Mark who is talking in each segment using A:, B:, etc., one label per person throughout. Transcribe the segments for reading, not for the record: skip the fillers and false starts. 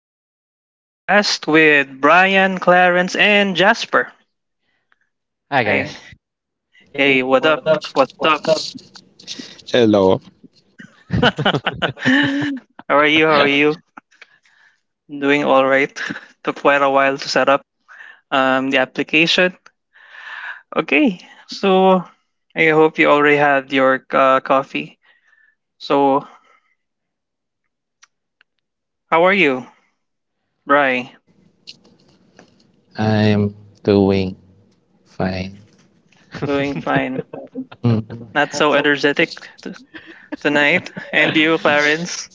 A: Our podcast with Brian, Clarence, and Jasper.
B: Hi
A: Hey, hi.
B: guys.
A: Hey, what up? What's up?
C: Hello.
A: How are you? How are you? Doing all right. Took quite a while to set up the application. Okay. So, I hope you already had your coffee. So, how are you, Brian?
C: I'm doing fine.
A: Doing fine.
C: Mhm.
A: Not so energetic tonight. And you, Clarence?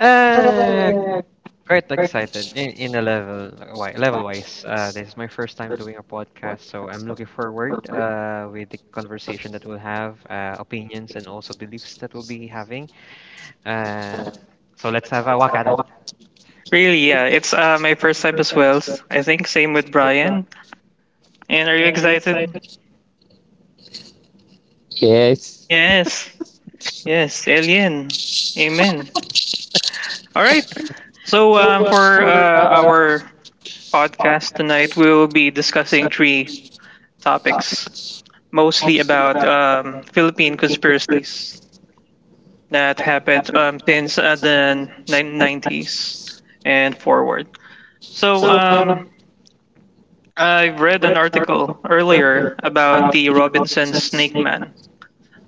B: Uh, quite excited in level wise. This is my first time doing a podcast, so I'm looking forward with the conversation that we'll have, opinions and also beliefs that we'll be having. Uh, so let's have a whack at it.
A: Really, yeah. It's my first time as well. I think same with Brian. And are you excited?
C: Yes.
A: Yes. Yes. Alien. Amen. All right. So for our podcast tonight, we will be discussing three topics, mostly about Philippine conspiracies that happened since the 90s and forward. So I read an article earlier about the Robinson Snake Man.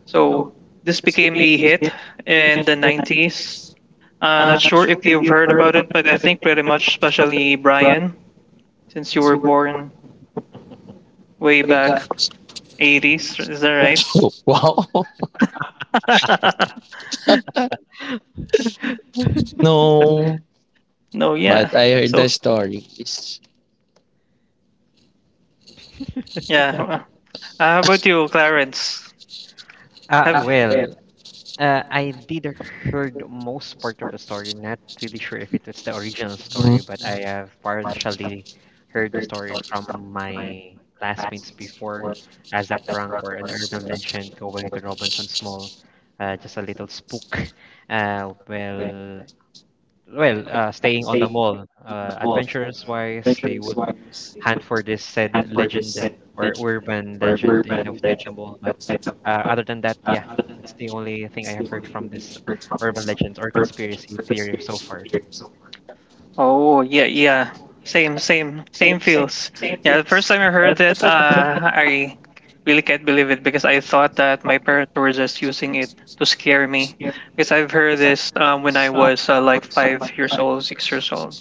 A: So this became a hit in the 90s. Not sure if you've heard about it, but I think pretty much, especially Brian, since you were born way back 80s. Is that right?
C: Oh, wow.
B: Mhm.
C: No.
A: No,
C: But
A: yeah.
C: I heard the
A: So,
C: stories.
A: yeah. How about you, Clarence?
B: Uh,
A: Have
B: well. I did heard most part of the story. Not really sure if it was the original
C: Mhm.
B: story, but I have partially heard the story from my classmates before as a prank or an urban legend going to Robinson's Mall. Just a little spook. Uh, well, Staying on the mall. Adventurers wise, they would hunt for this said legend or urban legend in the Istanbul. But other than that, yeah, that's the only thing I have heard from this urban legends or conspiracy theory so far.
A: oh yeah, yeah. Same, same, same feels. Yeah, the first time I heard it, I really can't believe it because I thought that my parents were just using it to scare me. Because I've heard this when I was like 5 years old, 6 years old,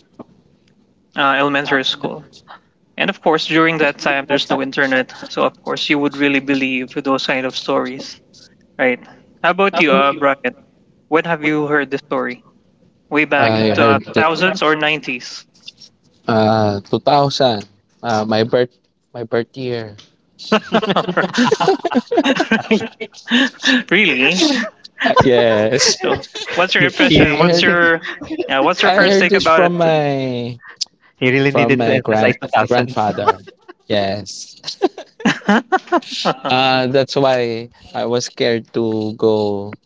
A: elementary school. And of course, during that time, there's no internet, so of course you would really believe those kind of stories, right? How about you, Brian? When have you heard the story? Way back
C: I
A: to
C: heard the
A: thousands or nineties?
C: 2000. Uh, my birth my birth year.
A: Really?
C: Yes.
A: So, what's your
B: He
A: impression?
B: he,
C: I
A: What's
C: heard
A: your yeah? What's your
C: I
A: first
C: heard
A: take
C: this
A: about
C: from
A: it?
C: my
B: he really
C: from
B: needed to
C: my
B: emphasize the thousands.
C: grandfather. Yes. That's why I was scared to go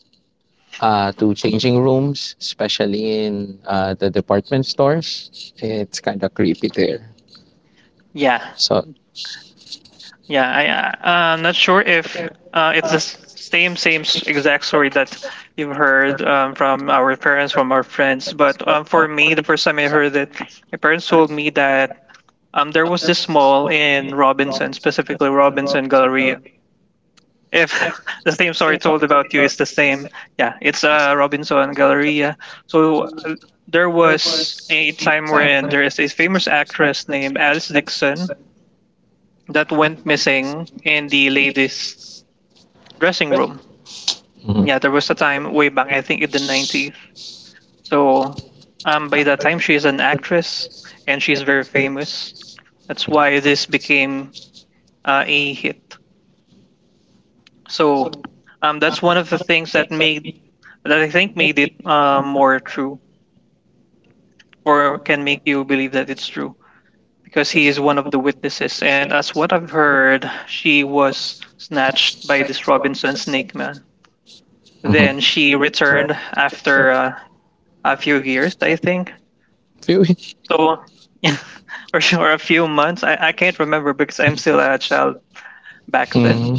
C: to changing rooms, especially in the department stores. It's kind of creepy there.
A: Yeah,
C: So,
A: yeah. I I'm not sure if it's the same exact story that you've heard from our parents, from our friends. But for me, the first time I heard it, my parents told me that there was this mall in Robinson, specifically Robinson Galleria. If the same story told about you is the same, yeah, it's Robinson Galleria. So there was a time wherein there is a famous actress named Alice Dixon that went missing in the ladies dressing room.
C: mhm,
A: Yeah, there was a time way back, I think in the 90s. So by that time she is an actress and she's very famous. That's why this became a hit. So that's one of the things that made that I think made it more true or can make you believe that it's true, because he is one of the witnesses. And as what I've heard, she was snatched by this Robinson snake man.
C: mhm.
A: Then she returned after a few years, I think.
C: Few-
A: So, or a few months. I can't remember because I'm still a child back then.
C: mhm.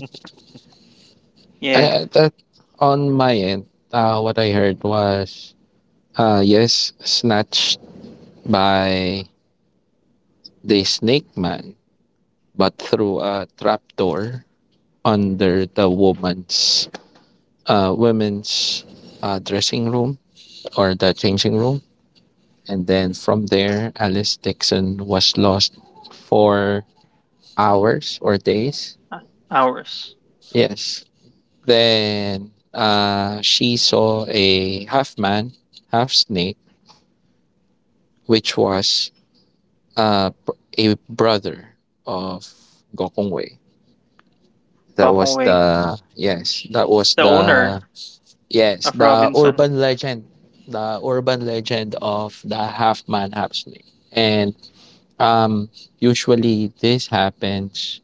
A: Yeah,
C: That on my end, what I heard was yes, snatched by the snake man, but through a trapdoor under the woman's women's dressing room or the changing room. And then from there, Alice Dixon was lost for hours or days.
A: hours.
C: Yes. Then she saw a half man, half snake, which was uh, a brother of Gokongwei.
A: Gokongwei,
C: That was
A: the owner
C: the yes.
A: of
C: The
A: Robinson.
C: urban legend, the urban legend of the half man, half snake. And um, usually this happens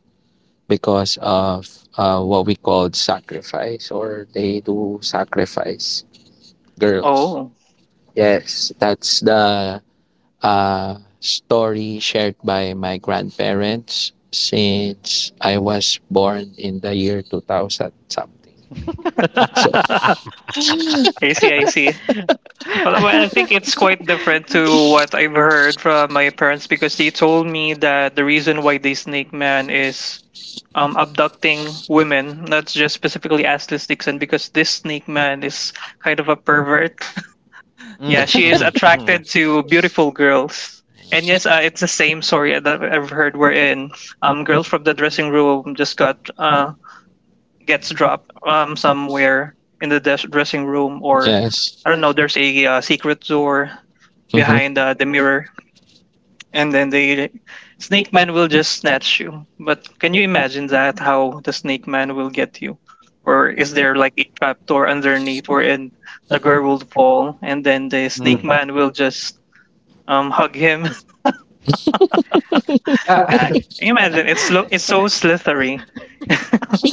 C: because of what we called sacrifice, or they do sacrifice girls.
A: Oh,
C: Yes, that's the story shared by my grandparents since I was born in the year 2000 something.
A: I see, I see. Well, well, I think it's quite different to what I've heard from my parents because they told me that the reason why they snake man is abducting women, not just specifically Aslis Dixon, because this snake man is kind of a pervert. Yeah,
B: Mm,
A: she is
B: mm-hmm, mm-hmm,
A: attracted to beautiful girls. And yes, it's the same story that I've heard wherein girls from the dressing room just got gets dropped somewhere in the dressing room or
C: Yes.
A: I don't know. There's a secret door
C: hmm
A: behind the mirror, and then the snake man will just snatch you. But can you imagine that? How the snake man will get you? Or is there like a trap door underneath wherein the girl will fall, and then the snake
B: mm.
A: man will just hug him?
B: Uh,
A: Ah, can you imagine it's it's so slithery,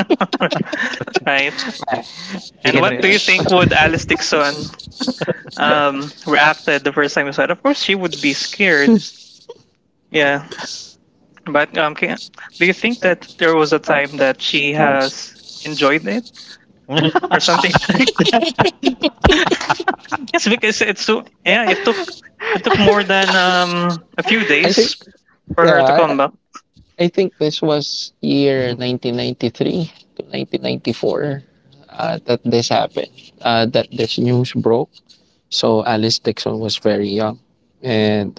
A: right?
B: uh, you
A: And
B: can.
A: what do you think would Alice Dixon reacted the first time I saw it? Of course she would be scared. Yeah, but can, do you think that there was a time that she has enjoyed it or something? Like yes, because it's so yeah, it took, it took more than a few
C: I think,
A: days for her to come
C: yeah,
A: back.
C: I think this was year
B: Re-
C: 1993 to 1994, that this happened, that this news broke. So Alice Dixon was very young and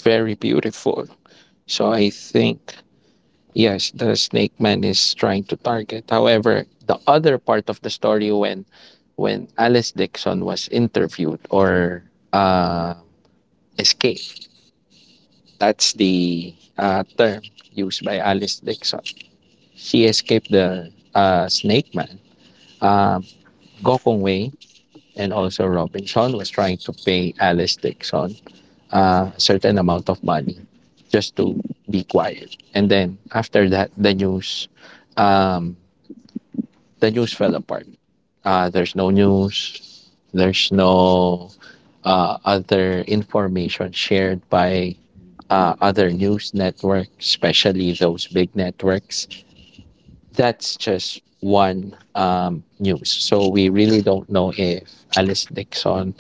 C: very beautiful. So I think, yes, the snake man is trying to target. However, the other part of the story, when Alice Dixon was interviewed or uh, escaped, that's the term used by Alice Dixon. She escaped the Snake Man. Uh, Gokong Wei and also Robinson was trying to pay Alice Dixon a certain amount of money just to be quiet. And then after that, um, the news fell apart. There's no news. There's no other information shared by other news networks, especially those big networks. That's just one news. So we really don't know if Alice Dixon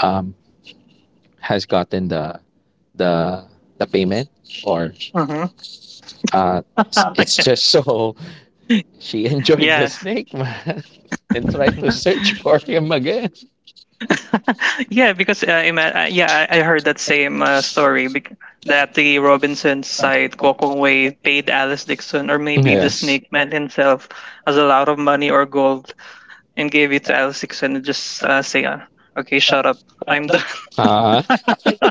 C: um, has gotten the the payment, or
A: Mm-hmm.
C: uh, it's just so she enjoyed the
A: Yeah,
C: snake man and tried to search for him again.
A: yeah, because yeah, I heard that same story
C: That
A: that
C: he
A: the
C: wrote
A: Robinson
C: inside
A: side
C: Coco
A: Gokong Wei
C: paid
A: paid Alice
C: as
A: Dixon or maybe the
C: yes.
A: Snake Man himself as a lot of money or gold and gave it to Alice Dixon and just say, "Okay, shut up, I'm done."
C: Uh,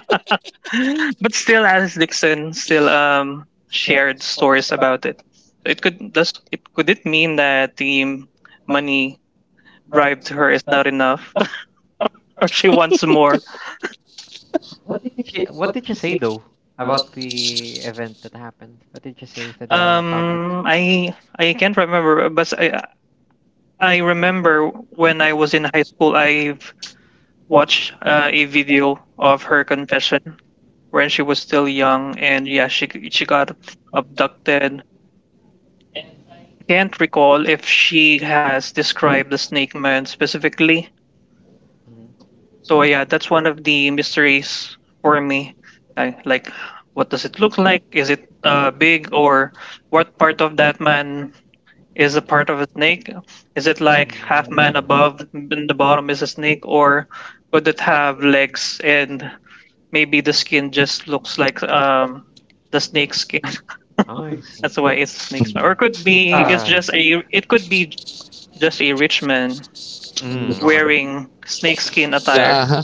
A: But still, Alice Dixon still shared stories about it. So it could, does it, could it mean that the money bribed to her is not enough or she wants more?
B: She, what did you say though about the event that happened? What did you say to the public?
A: I can't remember, but I remember when I was in high school, I've watched a video of her confession when she was still young, and yeah, she got abducted, and I can't recall if she has described the snake man specifically.
B: Mm-hmm.
A: So yeah, that's one of the mysteries for me. I, like, what does it look like? Is it big, or what part of that man is a part of a snake? Is it like half
B: Mm.
A: man above and the bottom is a snake, or could it have legs and maybe the skin just looks like the snake skin?
B: Oh, I see.
A: That's why it's a snake man. Or could be it's
B: Uh,
A: just a it could be just a rich man
B: mm, okay.
A: wearing snakeskin attire.
C: uh-huh.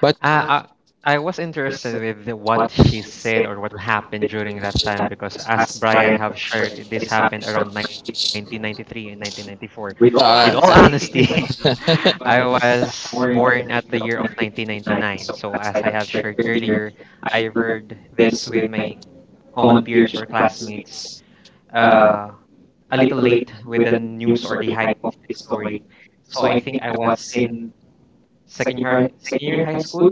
C: But
B: Uh, I, I was interested with what she said or what happened during that time because as Brian have shared, this happened around 1993 and 1994. With all
C: Lawrence.
B: honesty, I was born at the year of 1999. So as I have shared earlier, I heard this with my common peers or classmates uh, a little late with the news or the hype of the story. So I think I was in second year high school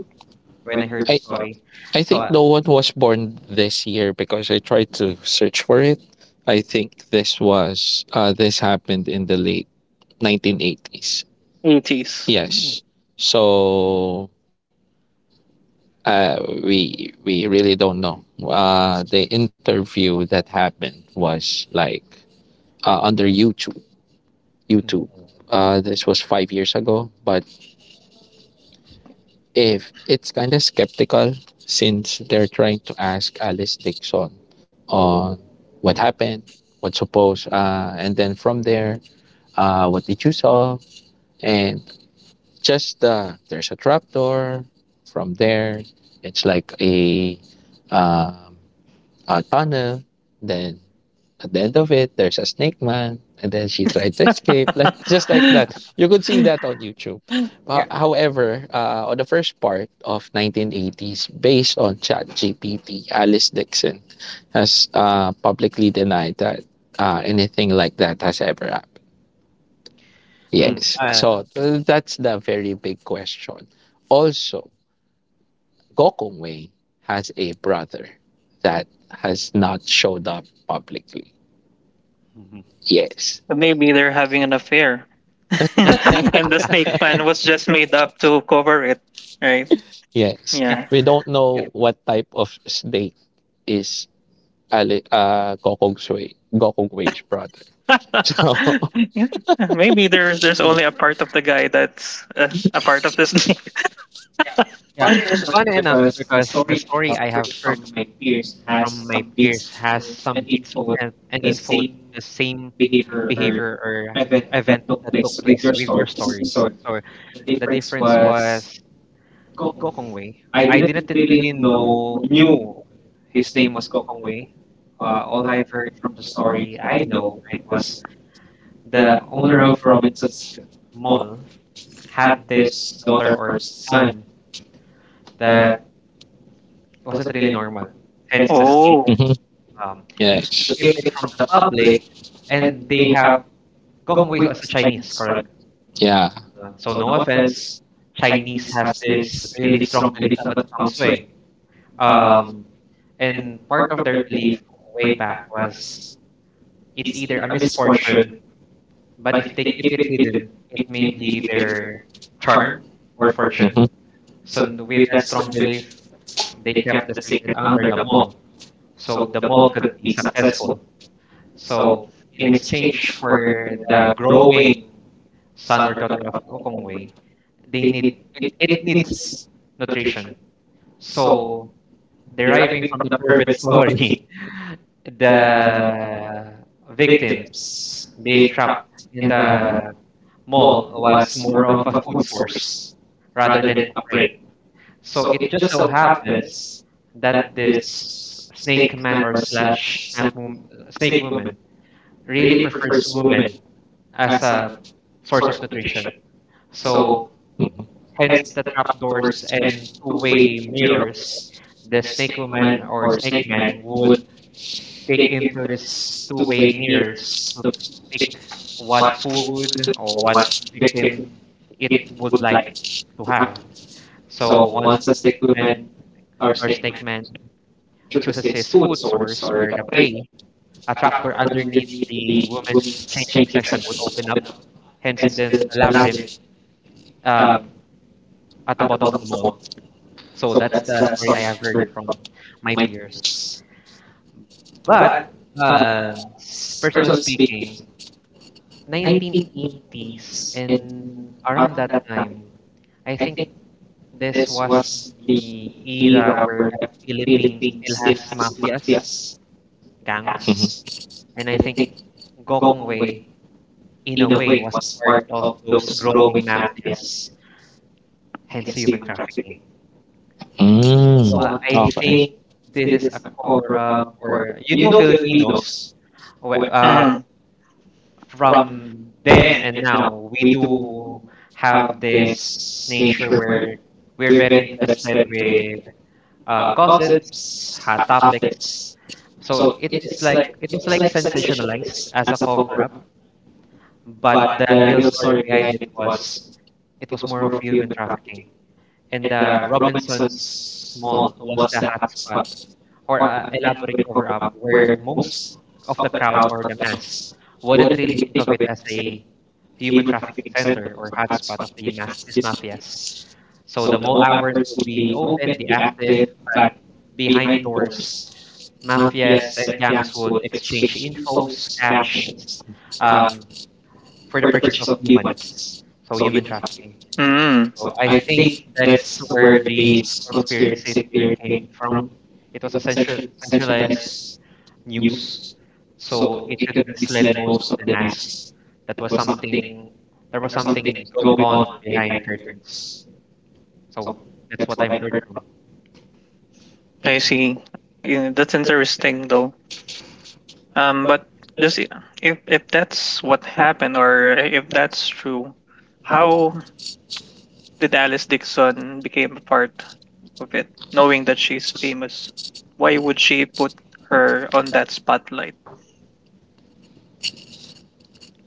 B: when I heard the
C: I
B: story.
C: I
B: So
C: think no one was born this year because I tried to search for it. I think this happened in the late 1980s.
A: 80s.
B: mm,
C: Yes. So uh we really don't know. The interview that happened was like under YouTube. YouTube.
B: mm,
C: This was 5 years ago, but if it's kind of skeptical since they're trying to ask Alice Dixon on what happened, what suppose, and then from there, what did you saw, and just there's a trapdoor. From there, it's like um, a tunnel. Then at the end of it, there's a snake man, and then she tried to escape, like just like that. You could see that on YouTube. But
B: yeah,
C: however, on the first part of 1980s, based on ChatGPT, Alice Dixon has publicly denied that anything like that has ever happened.
B: mm,
C: Yes. So that's the very big question. Also, Gokong Wei has a brother that has not showed up publicly.
B: Mhm.
C: Yes.
A: Maybe they're having an affair, and the snake man was just made up to cover it, right?
C: Yes.
B: yeah,
A: Yeah.
C: We don't
B: yeah,
C: know what type of snake is Gokong Wage brother. So,
B: mm,
A: Maybe there's only a part of the guy that's a part of the snake.
B: Yeah. Funny enough, because the story I have heard from my peers has some bits and info the same behavior or event that took place with your stories. So the difference was Kokong Wei. I didn't really know knew his name was Kokong Wei. All I've heard from the story I know it was the owner of Robinson's Mall had this daughter or son that wasn't really normal, hence the snake.
A: Oh.
C: mm-hmm,
B: Um, to keep it from the
C: yes.
B: public, and they have Gokong Wei was a Chinese, correct?
C: Yeah.
B: So no offense, Chinese has this really strong belief about feng shui. Um, And part of their belief way back was it's either a misfortune, but if they keep it hidden, it may be their charm or fortune.
C: Mm-hmm.
B: With that strong belief, they kept the secret under the mole, so the mole could be successful. So in exchange for the growing son or daughter of Okongwei, it needs nutrition. So deriving from the pervert story, the victims being trapped in the mall was more of a food source rather than a prey. So it just so happens that this snake man or slash snap wom- snake woman really prefers women as a source of nutrition. So hence the trapdoors and two-way mirrors, the snake woman or snake man would peek into this two-way mirrors to pick what food or what victim it would like to have. So once the man or snake man chooses his food source or the prey, a trapdoor underneath the woman's changing section would open up, hence the labyrinth uh, at the bottom of the mall. So that's the story I have heard from my peers. But uh, personally speaking, 1980s and around that time, I think this was the era where the Philippines still has mafias, gangs, and I think Gokong Wei, in a way, was part of those growing mafias, hence human trafficking.
C: Mm.
B: So I think
C: Okay.
B: this is a cover up, or you know, Filipinos, we- uh,
A: Hmm.
B: from then and now we do have this nature where we're very interested with gossips, hot topics. So it is like it was like sensationalized as a cover up, but the real story behind it was more of human trafficking. And the Robinson's Mall was the hot spot or a elaborate cover up where most of the crowd or the mass wouldn't really think of it as a human trafficking center or hotspot of these mafias. So the mall hours would be open, be active, but behind doors, mafias and gangs would exchange infos, cash, and, um, for the purchase of humans. So human trafficking.
A: Mm,
B: So I think that's where this conspiracy theory came from. It was a centralized news, so it could mislead most of the mass. That was something there was something going on behind curtains. So that's what I've heard from.
A: I see. Yeah, that's interesting though. But just if that's what happened or if that's true, how did Alice Dixon became a part of it, knowing that she's famous? Why would she put her on that spotlight?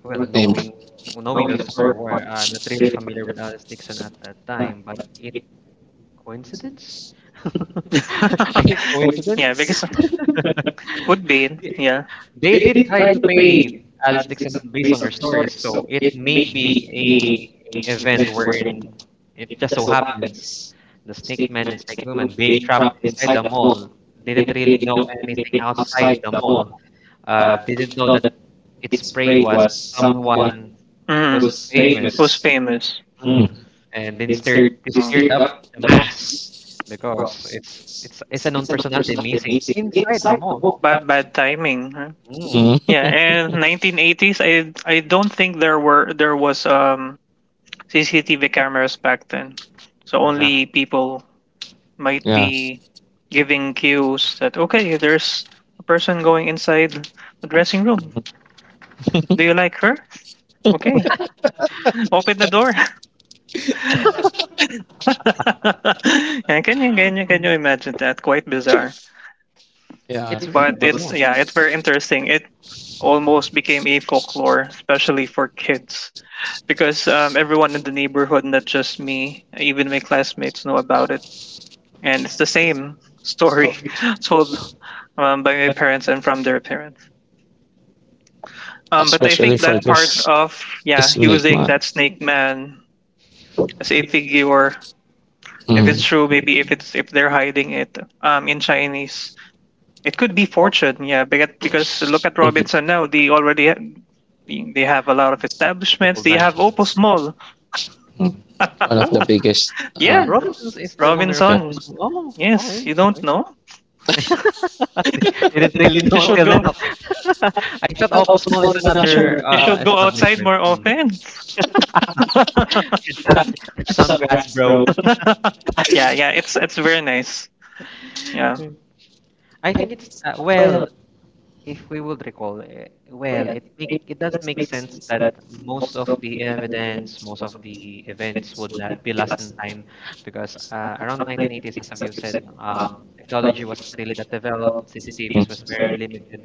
B: Well,
C: Maybe.
B: knowing the story, where I'm not really familiar with Alice Dixon at that time, but it coincidence? I think
A: Yeah,
B: coincidence.
A: because could be. Yeah.
B: They did try to pay Alice Dixon based on your stories, so it may be a event wherein it just so happens the snake man and snake woman being trapped inside the mall didn't really know anything outside the mall. Didn't know that its prey was someone who's
A: Mhm.
B: famous,
A: Was famous.
C: Mm.
B: mm. And then stirred they
A: Oh.
B: stirred up the mass because it's a known personality missing inside a mall.
A: Bad, bad timing, huh?
B: Mm,
C: Mm.
A: Yeah, and 1980s, I don't think there were, there was CCTV cameras back then. So
B: exactly.
A: only people might
C: Yeah.
A: be giving cues that okay, there's a person going inside the dressing room. Do you like her? Okay, open the door. Yeah, can you can you imagine that? Quite bizarre.
C: Yeah.
B: It's really
A: But it's
B: bizarre.
A: yeah, it's very interesting. It almost became a folklore, especially for kids, because everyone in the neighborhood, not just me, even my classmates, know about it, and it's the same story told by my parents and from their parents. But I
C: Especially
A: think
C: for
A: that part
C: this
A: of yeah,
C: snake
A: using
C: man.
A: that snake man as a figure, if
C: Mm.
A: it's true, maybe if it's, if they're hiding it in Chinese. It could be fortune, yeah, because look at
C: Mhm.
A: Robinson now. They already they have a lot of establishments.
B: Multiple
A: They have
B: branches.
A: Opus Mall.
C: One of
B: Oh,
C: the biggest
A: Yeah,
B: Robinsons is the owner of
C: yeah.
A: Robinson.
B: Opus Mall. Oh,
A: Yes,
B: okay,
A: you don't
B: okay.
A: know.
B: They didn't really
A: You
B: know
A: should
B: until
A: go.
B: now. I thought Opus Mall is
A: You should
B: another
A: you should go outside
B: establishment.
A: more
B: Hmm.
A: often.
B: Should touch some grass, bro.
A: Yeah, yeah. It's very nice. Yeah.
B: I think it's If we would recall, it does make sense that most of the evidence, most of the events would la be lost in time because around 1980s, as you said, technology wasn't really that developed. CCTVs was very limited.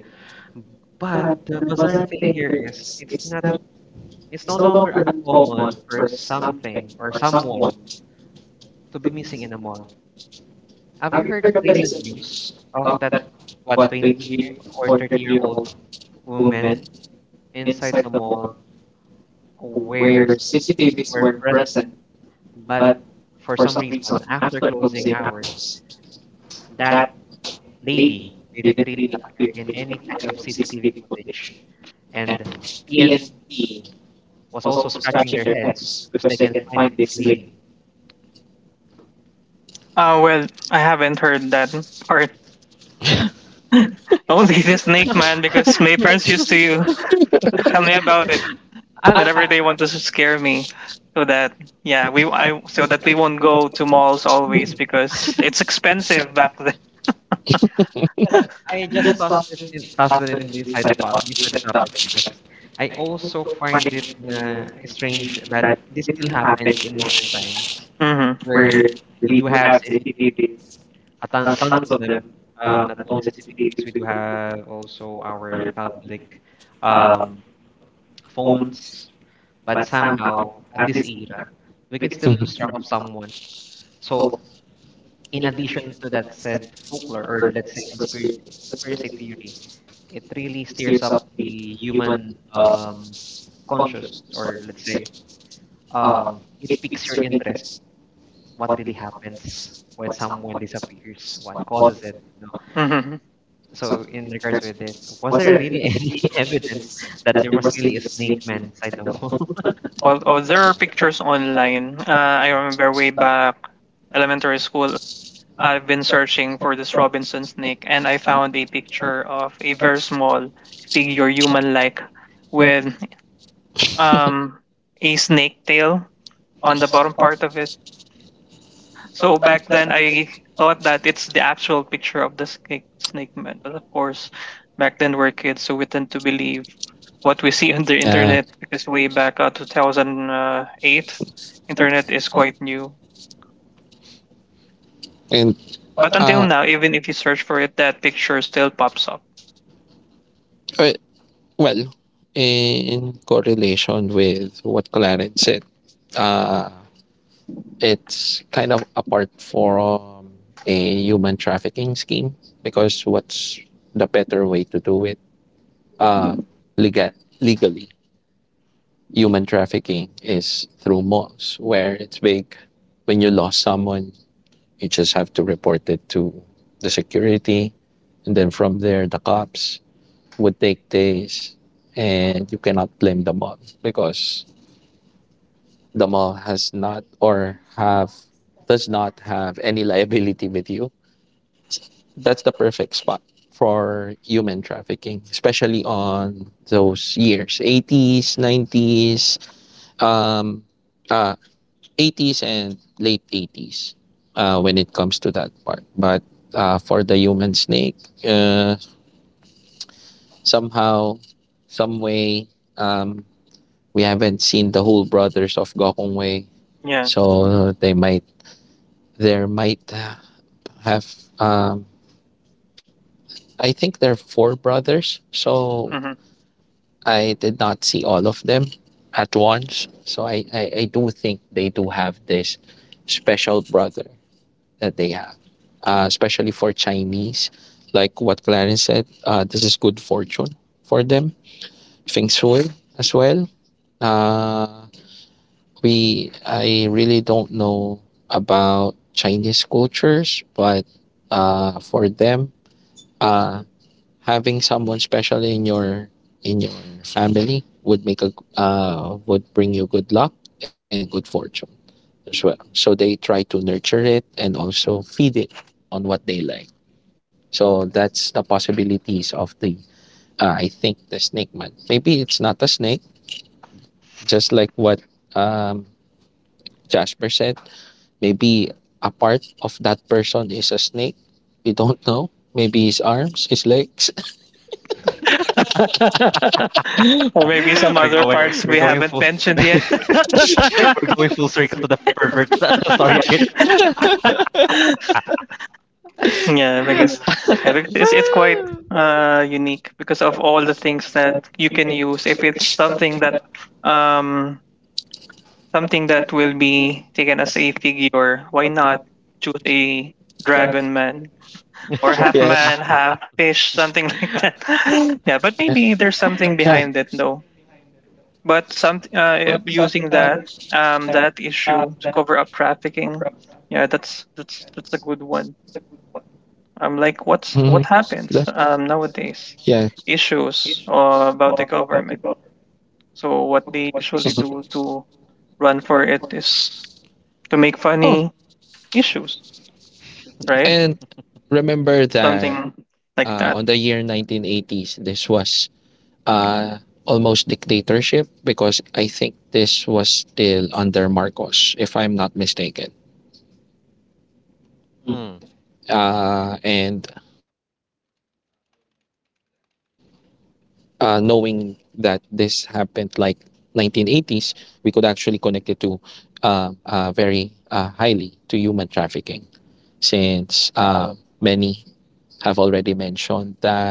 B: But the bizarre thing here is it's no longer uncommon for something or someone to be missing in a mall. Have you heard of the recent news of that what 20 year or 30-year-old woman inside the mall where CCTVs were present, but for some reason, after closing hours, that lady didn't really appear in any kind of CCTV footage. And PN was also scratching their heads because they can't find this lady.
A: Well, I haven't heard that part.
B: It was
A: Only the
B: recent.
A: Snake Man because my parents used to tell me about it.
B: I, I,
A: Whatever they want to scare me so that yeah we I so that we won't go to malls
B: hmm,
A: always because it's expensive back then.
B: Well, I just tossed it in inside the po inside the topic because I also find it strange that this still happens in modern times
A: Hmm.
B: where we do have CCTV, tons of them. Not only CCTVs, we do have also our public um, phones, but somehow at this era, we can still lose track of someone. So, in addition to that said folklore or let's say conspiracy theory, it really steers up the human consciousness, or let's say, it piques your interest. What really happens when someone disappears? What causes it? You
A: Hmm.
B: so, in regards with this, was there really any evidence that there was really a snake man inside the mall?
A: Well, oh, there are pictures online. I remember way back elementary school. I've been searching for this Robinson snake, and I found a picture of a very small figure, human-like, with um a snake tail on the bottom part of it. So back then, I thought that it's the actual picture of the snake, snake man. But of course, back then we're kids, so we tend to believe what we see on the
C: Yeah.
A: internet because way back 2008, internet is quite new.
C: And
A: But until
C: uh
A: now, even if you search for it, that picture still pops up.
C: well, well, in correlation with what Clarence said, uh it's kind of apart from a human trafficking scheme, because what's the better way to do it? Uh legal Legally, human trafficking is through malls where it's big. When you lost someone, you just have to report it to the security. And then from there, the cops would take days. And you cannot blame the mall because the mall has not or have does not have any liability with you. That's the perfect spot for human trafficking, especially on those years, 80s, 90s, um, uh, 80s and late 80s, when it comes to that part. But for the human snake, uh, somehow, some way, um, we haven't seen the whole brothers of Gokongwei,
A: Yeah.
C: so they might there might have. Um, I think there are four brothers, so
A: Hmm.
C: I did not see all of them at once. So I do think they do have this special brother that they have, especially for Chinese. Like what Clarence said, this is good fortune for them. Feng Shui as well. Uh, we I really don't know about Chinese cultures, but for them, uh, having someone special in your family would make a would bring you good luck and good fortune as well. So they try to nurture it and also feed it on what they like. So that's the possibilities of the I think the snake man. Maybe it's not a snake, just like what um, Jasper said. Maybe a part of that person is a snake. We don't know. Maybe his arms, his legs.
A: Or maybe some
B: we're
A: other
B: going,
A: parts
B: we're
A: we
B: going
A: haven't
B: full,
A: mentioned yet.
C: Yeah.
B: we're going full circle to the pervert story again.
A: Yeah, I guess yeah, because it's
B: Yeah.
A: quite unique because of all the things that you can use. If it's um something that will be taken as a figure, why not choose a dragon man or half
C: Yeah.
A: man, half fish, something like that? Yeah, but
C: Yeah.
A: maybe there's something behind it though. But some using that that issue to cover up trafficking, yeah, that's that's a good one. I'm
C: Mhm.
A: like, what's what
C: That-
A: happens
C: yeah.
A: nowadays? Issues about the government. So what they usually do to run for it is to make
C: Mhm.
A: funny issues, right?
C: And remember that,
A: Something
C: on the
A: like
C: year
A: that.
C: 1980s, this was uh, almost dictatorship because I think this was still under Marcos, if I'm not mistaken.
B: Mm,
C: And knowing that this happened like 1980s, we could actually connect it to very highly to human trafficking, since many have already mentioned that, uh,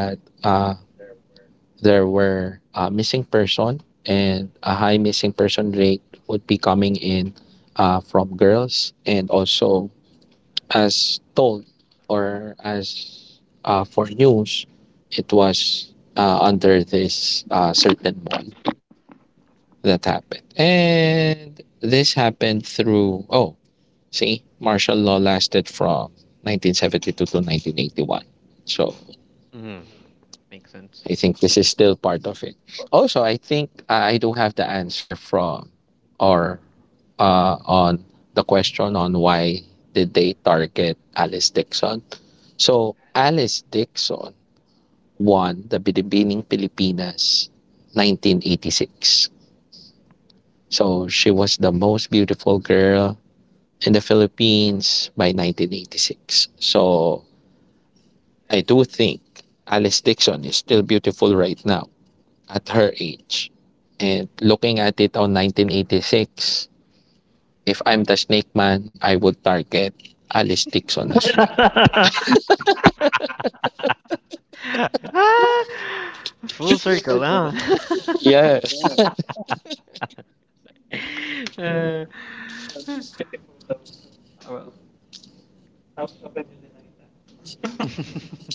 C: there were a missing person and a high missing person rate would be coming in, from girls, and also as told or as, for news, it was under this certain mall that happened, and this happened through. Oh, see, martial law lasted from 1972 to 1981, so
B: mm, makes sense.
C: I think this is still part of it. Also, I think I do have the answer from, or on the question on why did they target Alice Dixon. So Alice Dixon won the Binibining Pilipinas 1986. So she was the most beautiful girl in the Philippines by 1986. So I do think Alice Dixon is still beautiful right now at her age. And looking at it on 1986, if I'm the snake man, I would target Alice Dixon as well.
B: Ah, full circle, huh?
C: Yeah.
B: uh, well,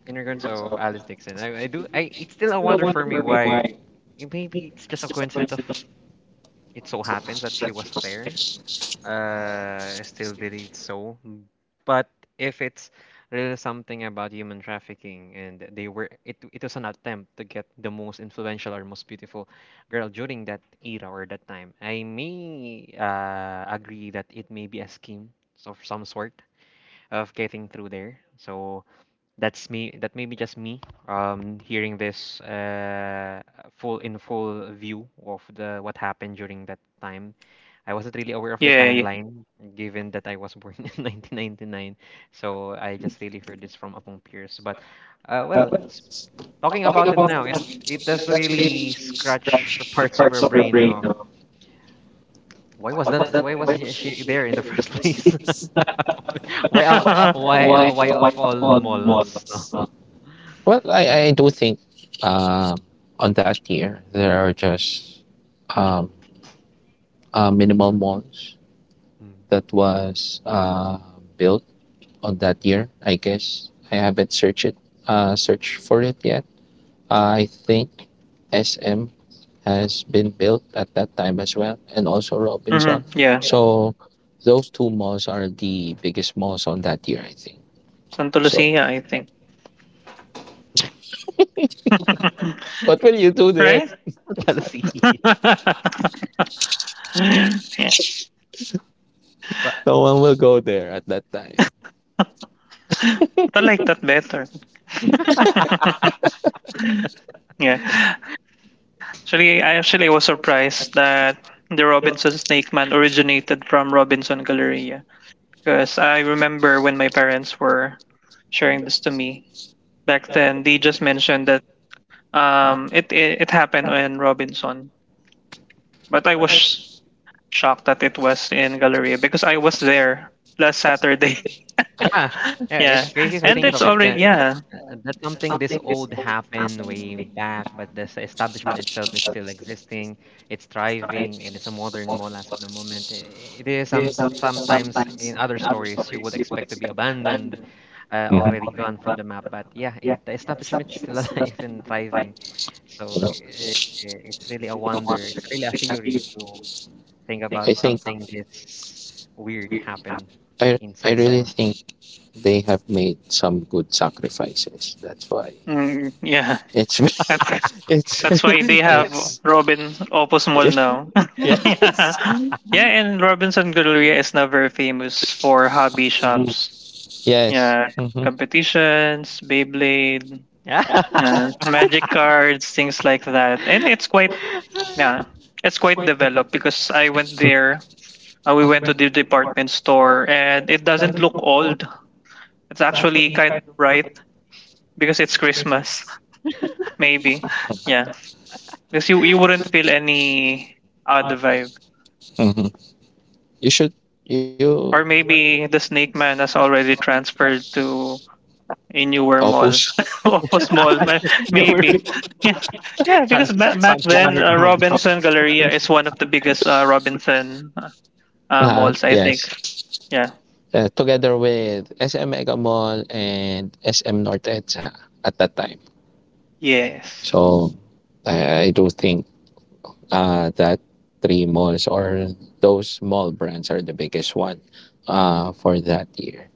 B: in regards of Alice Dixon, I do. I it's still a wonder for me why. Maybe it's just a coincidence of it so happens that she was there. Still believed so. But if it's really something about human trafficking and they were it was an attempt to get the most influential or most beautiful girl during that era or that time, I may agree that it may be a scheme of some sort of getting through there. So that may be just me hearing this full in full view of the what happened during that time I wasn't really aware of the
A: Yeah, yeah.
B: timeline, given that I was born in 1999. So I just really heard this from Apong Pierce. But, uh, well, s- talking about it now, it does really scratch parts of your brain of why was that? Why was she there in the first place?
A: Yeah.
B: Why of all malls? No,
C: Well, I do think um, on that year, there are just um, minimal malls
B: mm.
C: that was built on that year, I guess. I haven't searched for it yet. I think SM has been built at that time as well, and also
A: Hmm.
C: Robinson.
A: Yeah,
C: Yeah. So those two malls are the biggest malls on that year, I think. So
A: something I think.
C: what will you do there?
A: Right?
B: jealousy.
A: Yeah.
B: But
C: No one will go there at that time.
A: But I like that better. Yeah. Actually, I actually was surprised that the Robinson Snake Man originated from Robinson Galleria because I remember when my parents were sharing this to me back then, they just mentioned that it happened on Robinson, but I was shocked that it was in Galleria because I was there last Saturday.
B: yeah, yeah, it's
A: Yeah,
B: crazy to
A: and
B: think
A: it's
B: of it.
A: already yeah,
B: That's something this old happened way back, but this establishment itself is still existing. It's thriving, and it's a modern mall as of the moment. It is some sometimes in other stories you would expect to be abandoned, already gone from the map. But yeah, the establishment is still alive and thriving.
C: You
B: So
C: know?
B: it's really a wonder. It's really a theory to think
C: I
B: about something this weird happened
C: I
B: inside the
C: really
B: mall.
C: think they have made some good sacrifices. That's why
A: mm, yeah.
C: it's been.
A: That's
C: It's
A: that's why they have
C: it's
A: Robin Opus Mall now.
C: yeah,
A: Yeah, yeah, and Robinson Galleria is now very famous for hobby shops.
C: yes.
A: Yeah,
C: Hmm.
A: competitions, Beyblade, yeah, magic cards, things like that, and it's quite
B: Yeah.
A: yeah, it's quite developed because I went there. We went to the department store and it doesn't look old. It's actually kind of bright because it's Christmas, maybe. Yeah. Because you wouldn't feel any other vibe.
C: Hmm. You should you
A: Or maybe the Snake Man has already transferred to a newer
C: Opus.
A: mall. Opus Mall,
B: You were
A: maybe. Yeah, yeah because back
B: transferred
A: then,
B: underground.
A: Robinson Galleria is one of the biggest Robinson
C: Nah,
A: malls, I think.
C: yes.
A: Yeah.
C: Together with SM Mega Mall and SM North Edsa at that time.
B: Mm.
A: Yes.
C: So I do think that three malls or those mall brands are the biggest one for that year.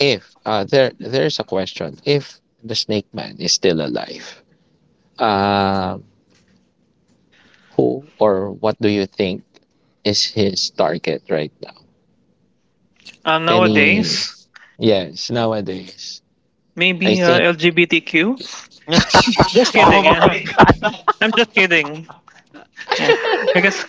C: If there's a question if the snake man is still alive, uh, who or what do you think is his target right now? Any
A: Nowadays,
C: Nowadays. Yes, nowadays. I
A: maybe
C: think
A: LGBTQ? Just
B: Oh
A: kidding.
B: my
A: I'm just kidding. Yeah,
B: god.
A: because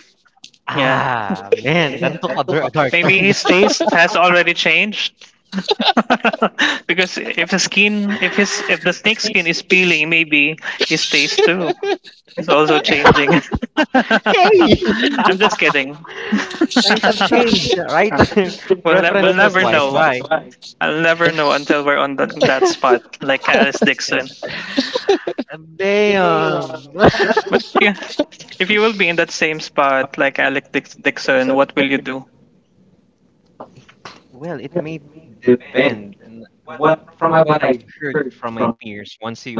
A: yeah,
B: Ah, that took a dark, dark
A: maybe
B: turn.
A: his taste has already changed. Because if the skin, if his, if the snake skin is peeling, maybe his taste too is also changing.
B: Hey!
A: I'm just kidding.
B: Times have changed, right?
A: We'll
B: Preference was
A: never
B: wise.
A: know.
B: Why?
A: I'll never know until we're on that spot, like Alice Dixon.
B: Damn.
A: But yeah, if you will be in that same spot like Dixon, what will you do?
B: Well, it may depend. And what I've heard from my peers, once you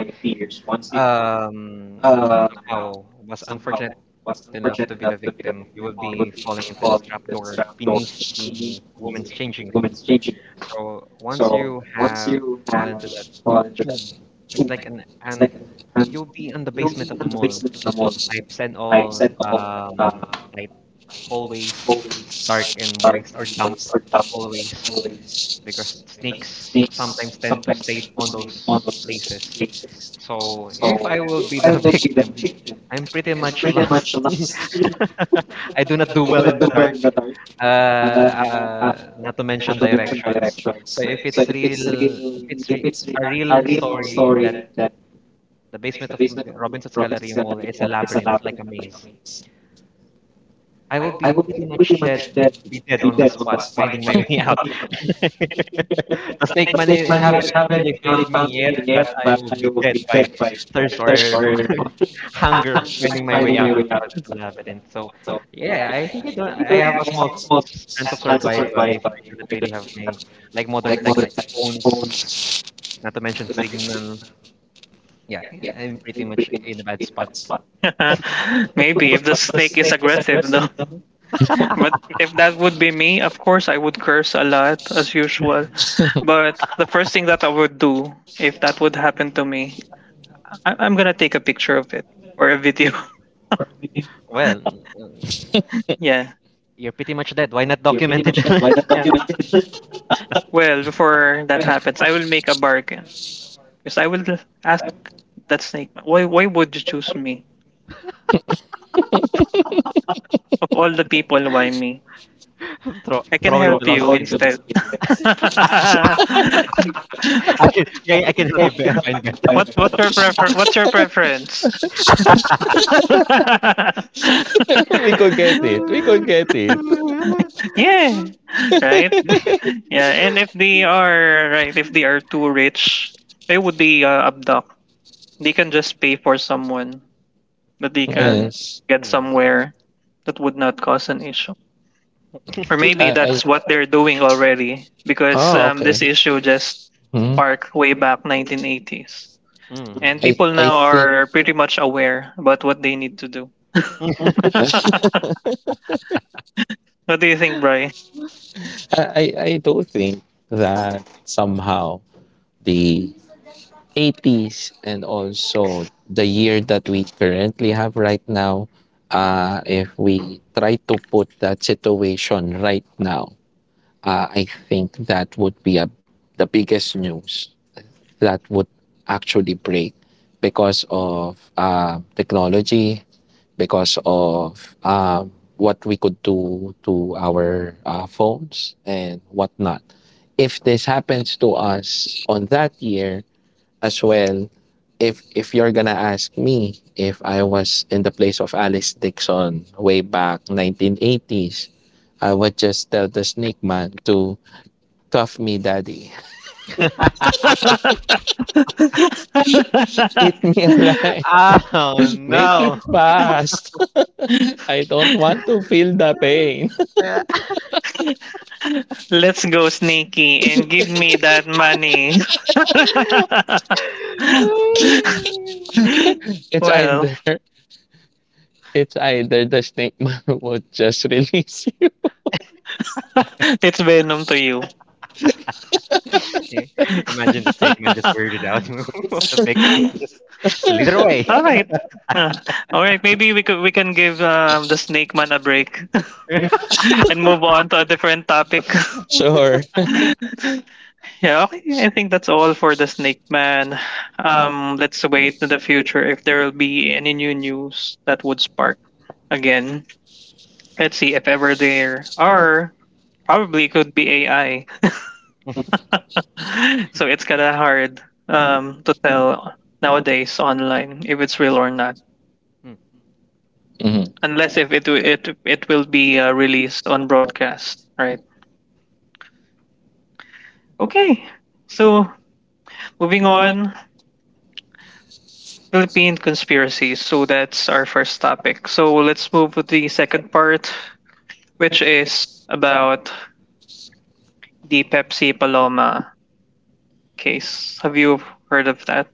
B: somehow was unfortunate enough to be the victim, you will be falling into this trapdoor beneath the woman's changing room. So once you have fallen into that tube, it's like an you'll be in the basement of the mall, pipes and all, like hallways, dark and moist or damp hallways, because snakes sometimes tend to stay on those places. So if I will be the victim, I'm pretty much lost. I do not do well in the dark. Not to mention directions. So if it's real, if it's re a real story that the basement of Robinson's Galleria Mall is a labyrinth, like a maze, I will be pretty much dead, be dead on the spot, finding my way out. The snake man haven't really found me yet, but I will be dead by thirst or hunger, finding my way out of the labyrinth. So, yeah, I think I don't. I have a small sense of survival if I do not really have my like modern tech, like phones, not to mention signal. Yeah, I'm pretty much in a bad spot.
A: Maybe if the snake is aggressive, though. But if that would be me, of course, I would curse a lot as usual. But the first thing that I would do if that would happen to me, I'm gonna take a picture of it or a video.
B: Well, uh,
A: Yeah.
B: you're pretty much dead. Why not document it?
A: Yeah. Well, before that happens, I will make a bargain because I will ask that snake, why would you choose me? Of all the people, why me?
B: Throw,
A: I can
B: throwing
A: help you
B: philosophy in the mix.
A: instead.
B: I can, I can help you find better.
A: what what's your prefer what's your preference?
C: we could get it.
A: Yeah. Right? Yeah, and if they are too rich, why would they abduct? They can just pay for someone that they can
C: Yes.
A: get
B: Mm.
A: somewhere that would not cause an issue. Or maybe
C: I
A: that's what they're doing already because
C: Oh, okay.
A: this issue just
C: Hmm.
A: sparked way back 1980s. And
C: I
B: Mm.
A: people
C: I
A: now
C: think.
A: are pretty much aware about what they need to do.
C: I,
A: What do you think, Bri?
C: I do think that somehow the 80s and also the year that we currently have right now, if we try to put that situation right now, I think that would be the biggest news that would actually break because of technology, because of what we could do to our phones and whatnot, if this happens to us on that year as well. If you're gonna ask me if I was in the place of Alice Dixon way back 1980s, I would just tell the snake man to cuff me, daddy. Eat me alive.
B: Oh
C: Make it
B: no.
C: fast. I don't want to feel the pain.
A: Let's go sneaky and give me that money.
C: it's
A: Well,
C: either it's either the snake man would just release you.
A: it's venom to you.
B: I- Imagine the snake man just weirded out of the victim and just slither away.
A: All right. Uh, all right, maybe we can give the snake man a break. And move on to a different topic.
C: Sure.
A: Yeah, okay. I think that's all for the Snake Man. Let's wait to the future if there will be any new news that would spark again. Let's see if ever there are. Probably could be AI. So it's kind of hard to tell nowadays online if it's real or not,
B: Mm.
C: Mhm.
A: unless if it wi- it will be released on broadcast, right? Okay. So moving on, Philippine conspiracies. So that's our first topic. So let's move to the second part, which is about the Pepsi Paloma case. Have you heard of that?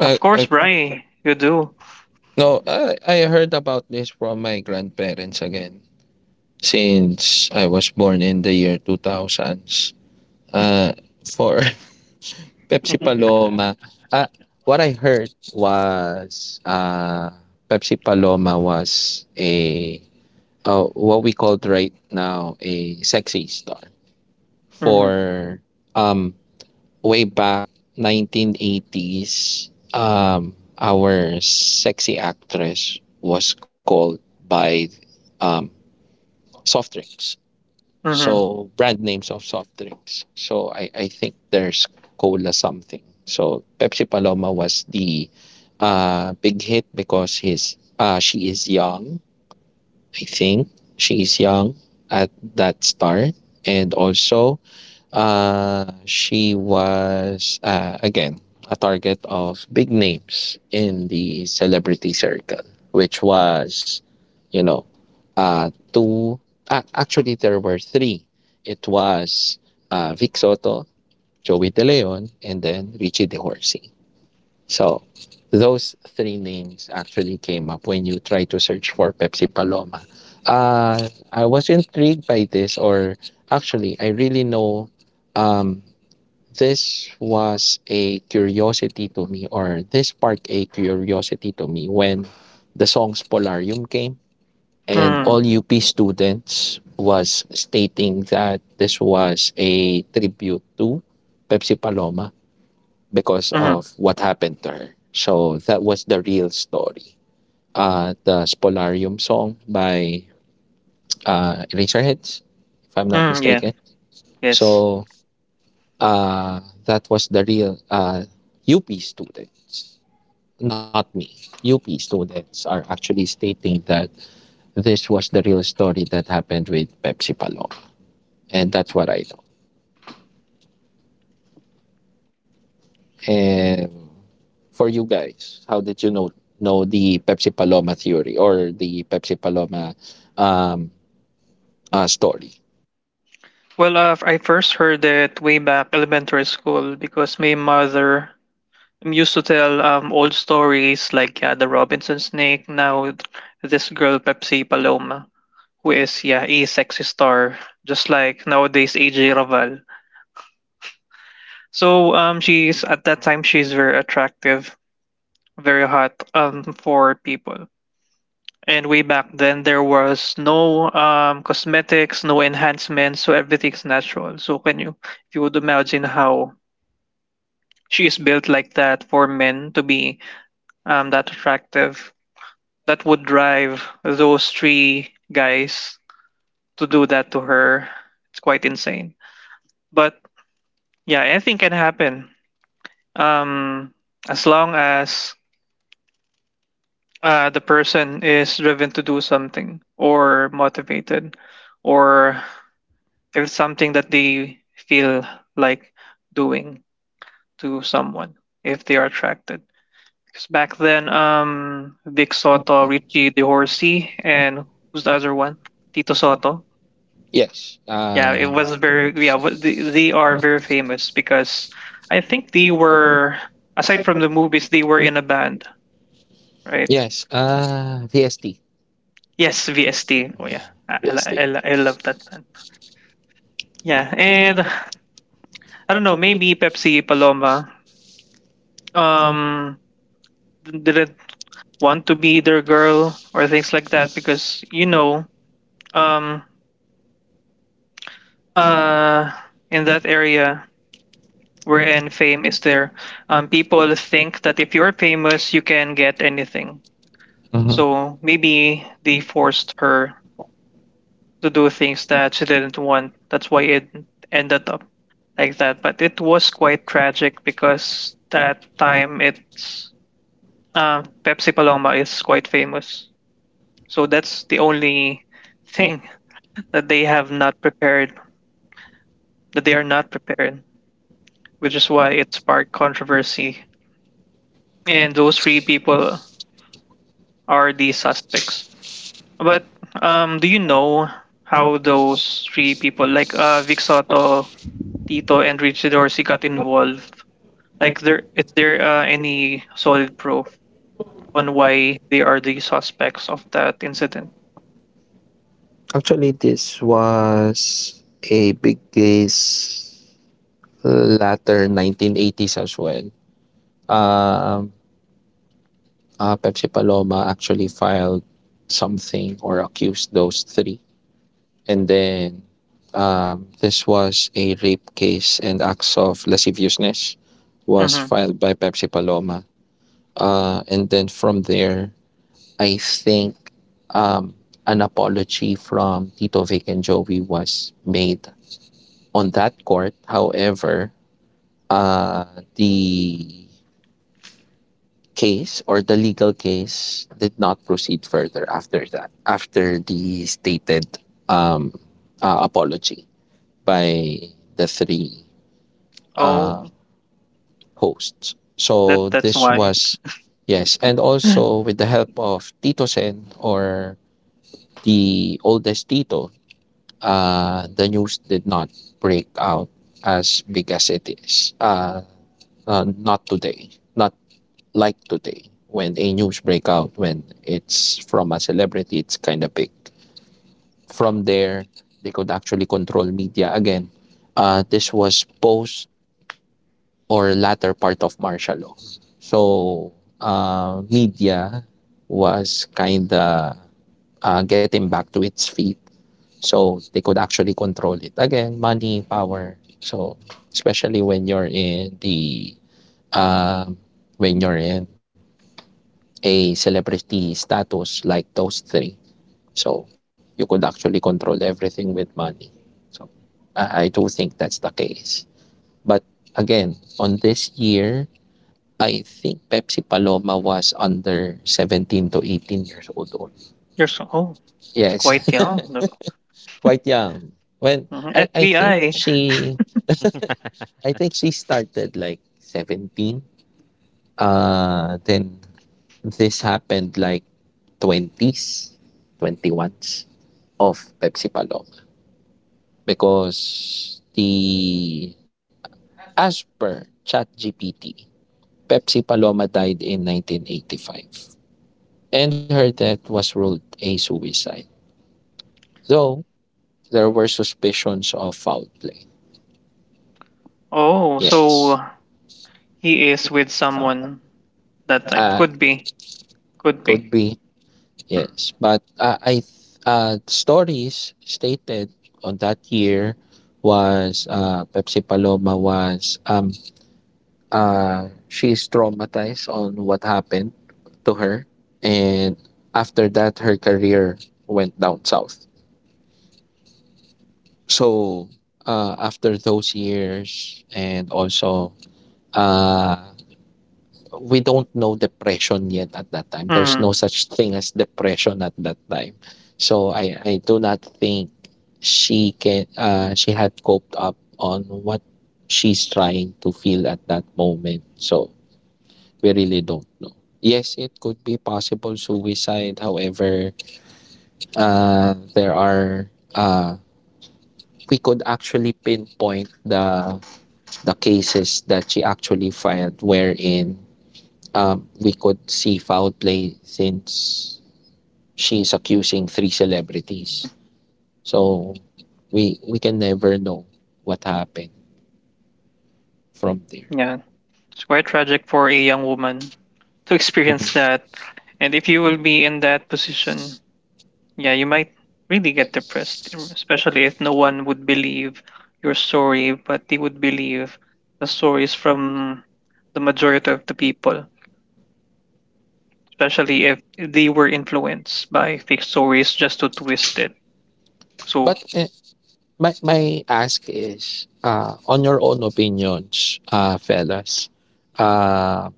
C: I,
A: Of course,
C: I,
A: Bri, you do.
C: no, I heard about this from my grandparents again. Since I was born in the year 2000s. Uh, for Pepsi Paloma, uh, what I heard was, Pepsi Paloma was a what we called right now, a sexy star
A: Mm-hmm.
C: for um way back 1980s. Our sexy actress was called by um soft drinks.
A: Mm-hmm.
C: So, brand names of soft drinks. So I think there's cola something. So Pepsi Paloma was the big hit because his she is young. I think she is young at that start, and also, she was, again, a target of big names in the celebrity circle, which was, you know, two. Ac Actually, there were three. It was Vic Soto, Joey De Leon, and then Richie DeHorsey. So those three names actually came up when you try to search for Pepsi Paloma. I was intrigued by this, or actually, I really know um, this was a curiosity to me, or this sparked a curiosity to me when the songs Polarium came, and
A: Mm-hmm.
C: all UP students was stating that this was a tribute to Pepsi Paloma because
A: Mm-hmm.
C: of what happened to her. So that was the real story. The Spolarium song by Eraserheads, if I'm not
A: Mm, yeah.
C: mistaken.
A: Yes.
C: So uh, that was the real UP students, not me. UP students are actually stating that this was the real story that happened with Pepsi Paloma. And that's what I know. And for you guys, how did you know the Pepsi Paloma theory or the Pepsi Paloma um, story?
A: Well, I first heard it way back elementary school because my mother used to tell old stories like yeah, the Robinson snake. Now this girl Pepsi Paloma, who is yeah a sexy star, just like nowadays AJ Raval. So she's at that time she's very attractive, very hot for people. And way back then there was no cosmetics, no enhancements, so everything's natural. So can you if you would imagine how she is built like that for men to be that attractive, that would drive those three guys to do that to her. It's quite insane. But yeah, anything can happen. Um, as long as the person is driven to do something or motivated, or if it's something that they feel like doing to someone, if they are attracted. Because back then, Vic Soto, Richie DeHorsey, and who's the other one? Tito Soto.
C: Yes.
A: Yeah, it was very, yeah, they are very famous because I think they were aside from the movies, they were in a band, right?
C: Yes. VST.
A: Yes, VST. Oh yeah,
C: VST.
A: I love that band. Yeah, and I don't know, maybe Pepsi Paloma um didn't want to be their girl or things like that because you know um uh in that area wherein fame is there, people think that if you're famous you can get anything.
C: Mhm.
A: So maybe they forced her to do things that she didn't want. That's why it ended up like that. But it was quite tragic because that time it's Pepsi Paloma is quite famous. So that's the only thing that they have not prepared, that they are not prepared, which is why it sparked controversy. And those three people are the suspects. But do you know how those three people, like Vic Soto, Tito and Richie Dorsey got involved? There is there any solid proof on why they are the suspects of that incident?
C: Actually, this was a big case latter 1980s as well. Um, Pepsi Paloma actually filed something or accused those three. And then this was a rape case, and acts of lasciviousness was
A: Mm-hmm.
C: filed by Pepsi Paloma. And then from there, I think um, an apology from Tito Vic and Joey was made on that court. However, uh, the case or the legal case did not proceed further after that, after the stated um, apology by the three uh,
A: Oh,
C: hosts.
A: that
C: So
A: that's
C: this
A: why.
C: was, yes, and also with the help of Tito Sen or the oldest Tito, the news did not break out as big as it is. Not today, not like today. When a news breakout when it's from a celebrity, it's kind of big. From there they could actually control media again. This was post or latter part of martial law, so media was kind of getting back to its feet, so they could actually control it again. Money, power. So especially when you're in the um when you're in a celebrity status like those three. So you could actually control everything with money. So I do think that's the case. But again, on this year, I think Pepsi Paloma was under 17 to 18 years old. Or,
A: You're so oh, it's
C: yes,
A: quite young. Look.
C: quite young. When
A: Mhm.
C: I, I think
A: FBI.
C: she I think she started like 17. Then this happened like 20s, 21s of Pepsi Paloma, because the as per ChatGPT, Pepsi Paloma died in 1985, and her death was ruled a suicide, though there were suspicions of foul play.
A: Oh, so
C: Yes,
A: he is with someone that time.
C: uh,
A: Could be. Could be.
C: could be,
A: Hmm.
C: yes, but I stories stated on that year was Pepsi Paloma was she is traumatized on what happened to her, and after that her career went down south. So after those years, and also uh, we don't know depression yet. At that time there's
A: Mm-hmm.
C: no such thing as depression at that time, so I do not think she can she had coped up on what she's trying to feel at that moment, so we really don't know. Yes, it could be possible suicide. However, there are we could actually pinpoint the cases that she actually filed, wherein we could see foul play since she's accusing three celebrities. So we can never know what happened from there.
A: Yeah, it's quite tragic for a young woman to
C: Mhm.
A: experience that. And if you will be in that position, yeah, you might really get depressed, especially if no one would believe your story, but they would believe the stories from the majority of the people, especially if they were influenced by fake stories just to twist it. So,
C: But my ask is on your own opinions, fellas, uh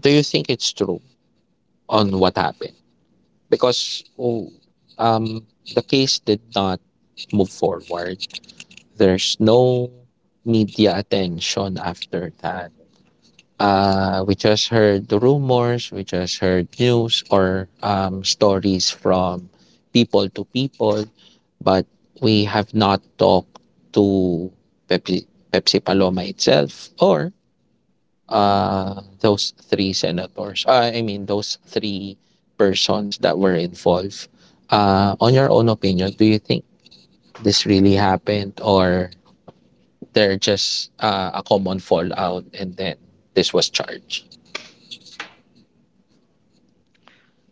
C: do you think it's true on what happened? Because um the case did not move forward. There's no media attention after that. We just heard the rumors, we just heard news or stories from people to people, but we have not talked to Pepsi, Pepsi Paloma itself, or those three senators. I mean, those three persons that were involved. On your own opinion, do you think this really happened, or they're just a common fallout and then this was charged?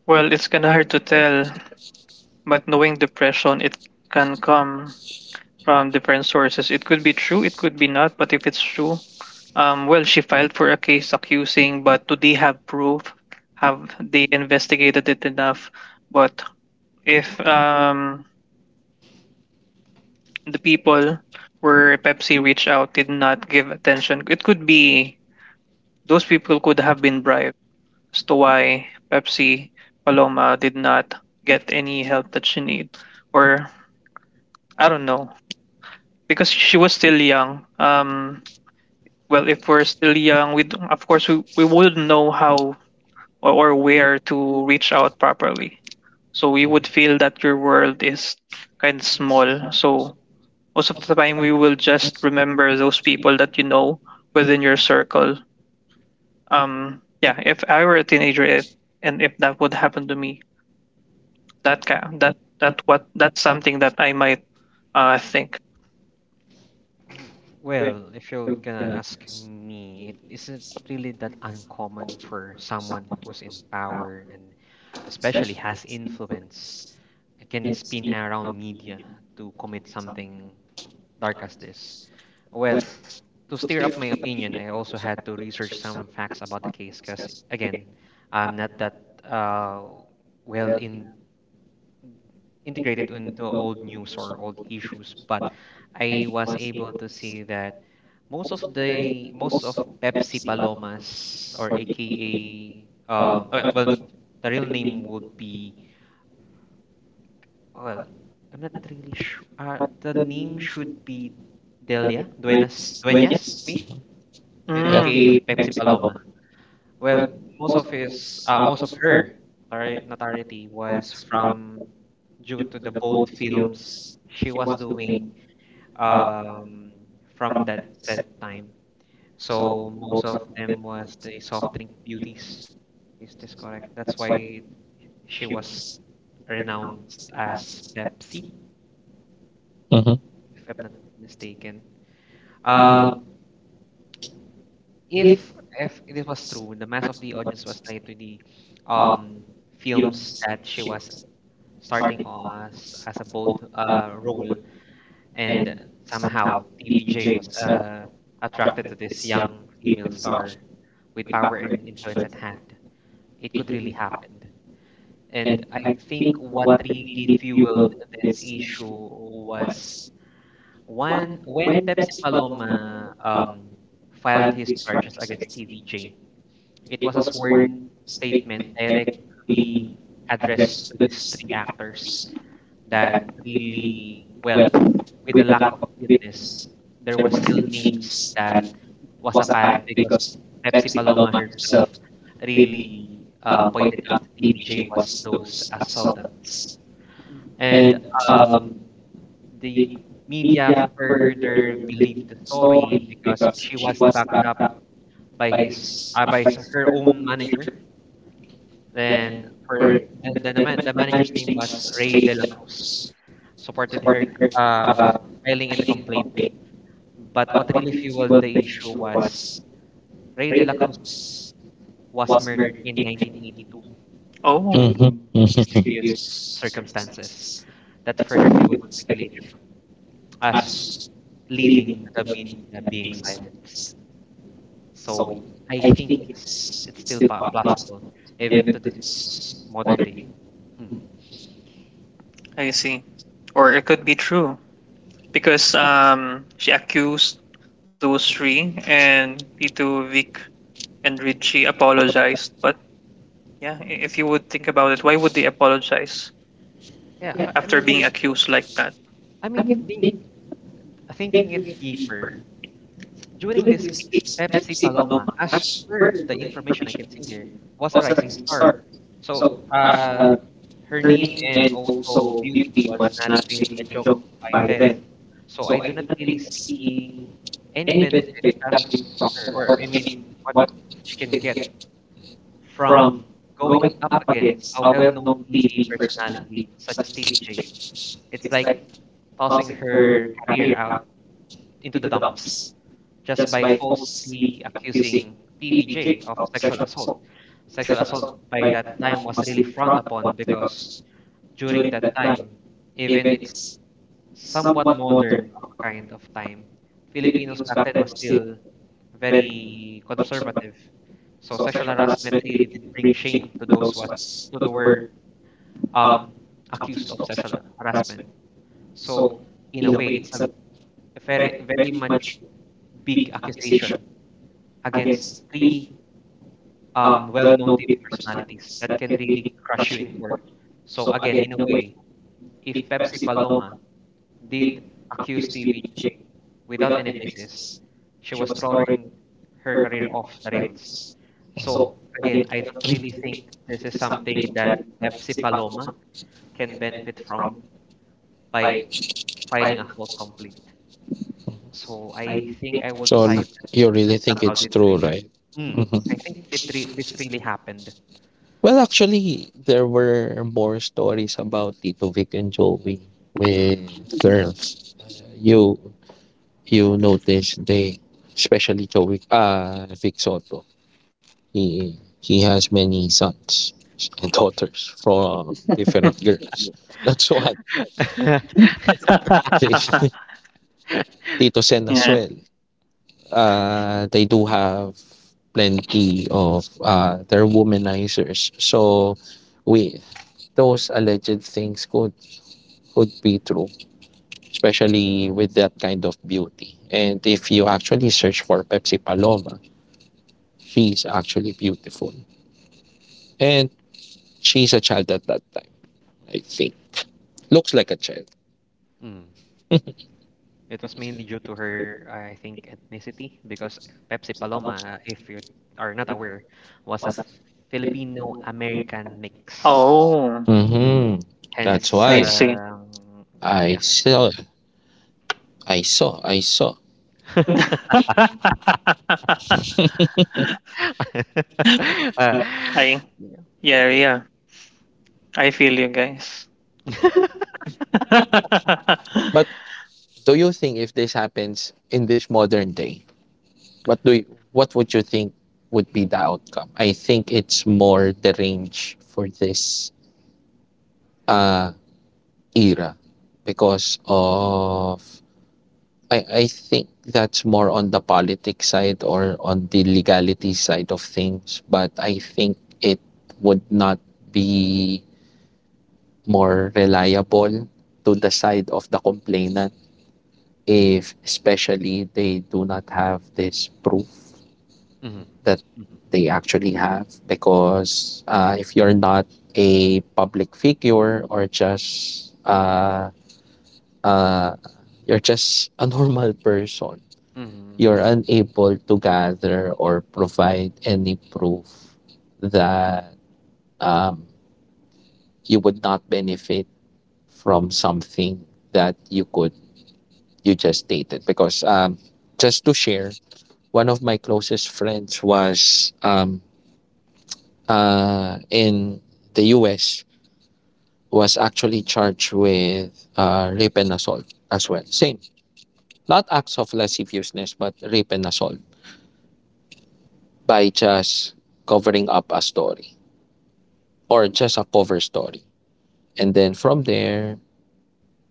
A: well, it's kind of hard to tell, but knowing depression, it can come from different sources. It could be true, it could be not, but if it's true, well, she filed for a case accusing, but do they have proof? Have they investigated it enough? But if the people where Pepsi reached out did not give attention, it could be those people could have been bribed as to why Pepsi Paloma did not get any help that she need, or I don't know because she was still young. Well, if we're still young, we don't, of course we wouldn't know how or where to reach out properly. So we would feel that your world is kind of small. So most of the time, we will just remember those people that you know within your circle. Yeah, if I were a teenager, if, and if that would happen to me, that ca- that that's something that I might think.
B: Well, if you're gonna ask me, it isn't really that uncommon for someone who's in power and especially has influence and can spin around media to commit something dark as this. Well, to stir up my opinion, I also had to research some facts about the case because, again, I'm not that uh, well in integrated into old news or old issues, but I was able to see that most of Pepsi Palomas or AKA well the real name would be well I'm not really sure the name should be Delia Duenas Smith, eh,
C: Yeah.
A: Mm,
B: aka Pepsi Paloma. Well, most of his most of her notoriety was from due to the bold films she was doing, um, from that said time. So most of them was the soft drink beauties. Is this correct? That's why she was renowned as Pepsi,
C: Mhm.
B: if I'm not mistaken. Um, if if this was true, the mass of the audience was tied to the um films that she was starting as a bold role, and somehow TVJ was attracted to this young female star. With power and influence at hand, it could really happen. And I think what really fueled this issue was one when Pepsi Paloma filed his charges against TVJ. It was a sworn statement directly addressed to these three actors that really, well, with the lack of witness, there were still names that was apparent because Pepsi Paloma herself really pointed out that TVJ was those assailants. And um, the media further believed the story because she was backed up by her own manager. And her the man- the manager's name was Ray De La Cruz. Supported her uh, filing in the complaint. But what really fueled the issue was Ray De La Cruz was murdered in 1982 due
A: oh,
C: Mhm.
B: to
C: Mhm.
B: mysterious circumstances that further fueled speculation as leading to the media being silenced. So I think it's possible even to this modern day.
A: I see. Or it could be true because she accused those three, and Tito, Vic, and Richie apologized. But yeah, if you would think about it, why would they apologize
B: Yeah,
A: after being accused like that?
B: I mean, being, thinking it deeper during this case, Pepsi Paloma, as per the information I can see here, was a rising star. So, uh, her name and also beauty was not really a joke by then. So I do not really see any benefit coming from her, or I mean, what she can get from going up against a well-known TV personality such as TVJ. It's like tossing her career out into the dumps just by falsely accusing TVJ of sexual assault by that time was really frowned upon because during that time, even its somewhat modern of a kind of time. Filipinos back then was still very conservative. So sexual harassment really did bring shame to those was to the were um accused of sexual harassment. So in a way, it's a very much big accusation against three well-known TV personalities that can really crush you in court. So again, in a way, if Pepsi Paloma did accuse TV without any basis, she was throwing her career off the rails. So again, I don't really think this is something that Pepsi Paloma can benefit from by filing a false complaint. So I think I would
C: So,
B: say that
C: you really think
B: somehow
C: it's
B: did
C: true,
B: really.
C: right?
B: Mm,
C: Mhm.
B: I think it re this really happened.
C: Well, actually, there were more stories about Tito Vic and Joey with girls. You you notice they, especially Joey, Vic Soto. He has many sons and daughters from different girls. That's what they, Tito Sen as
A: Yeah.
C: well. They do have plenty of they're womanizers. So we those alleged things could be true, especially with that kind of beauty. And if you actually search for Pepsi Paloma, she's actually beautiful, and she's a child at that time. I think looks like a child.
B: Mm. It was mainly due to her, I think, ethnicity because Pepsi Paloma, if you are not aware, was a Filipino American mix.
A: Oh,
C: Mm-hmm. That's
B: Hence,
A: I
C: why
A: see.
C: I
B: yeah.
C: saw, I saw.
B: Uh,
A: I
B: yeah.
A: yeah yeah. I feel you guys.
C: But do you think if this happens in this modern day, what do you, what would you think would be the outcome? I think it's more the range for this uh, era, because of I think that's more on the politics side or on the legality side of things, but I think it would not be more reliable to the side of the complainant, if especially they do not have this proof
B: Mhm,
C: that
B: mhm,
C: they actually have. Because if you're not a public figure, or just uh, you're just a normal person,
B: mhm,
C: you're unable to gather or provide any proof that um, you would not benefit from something that you just stated. Because just to share, one of my closest friends was in the US, was actually charged with rape and assault as well. Same, not acts of lasciviousness, but rape and assault, by just covering up a story or just a cover story. And then from there,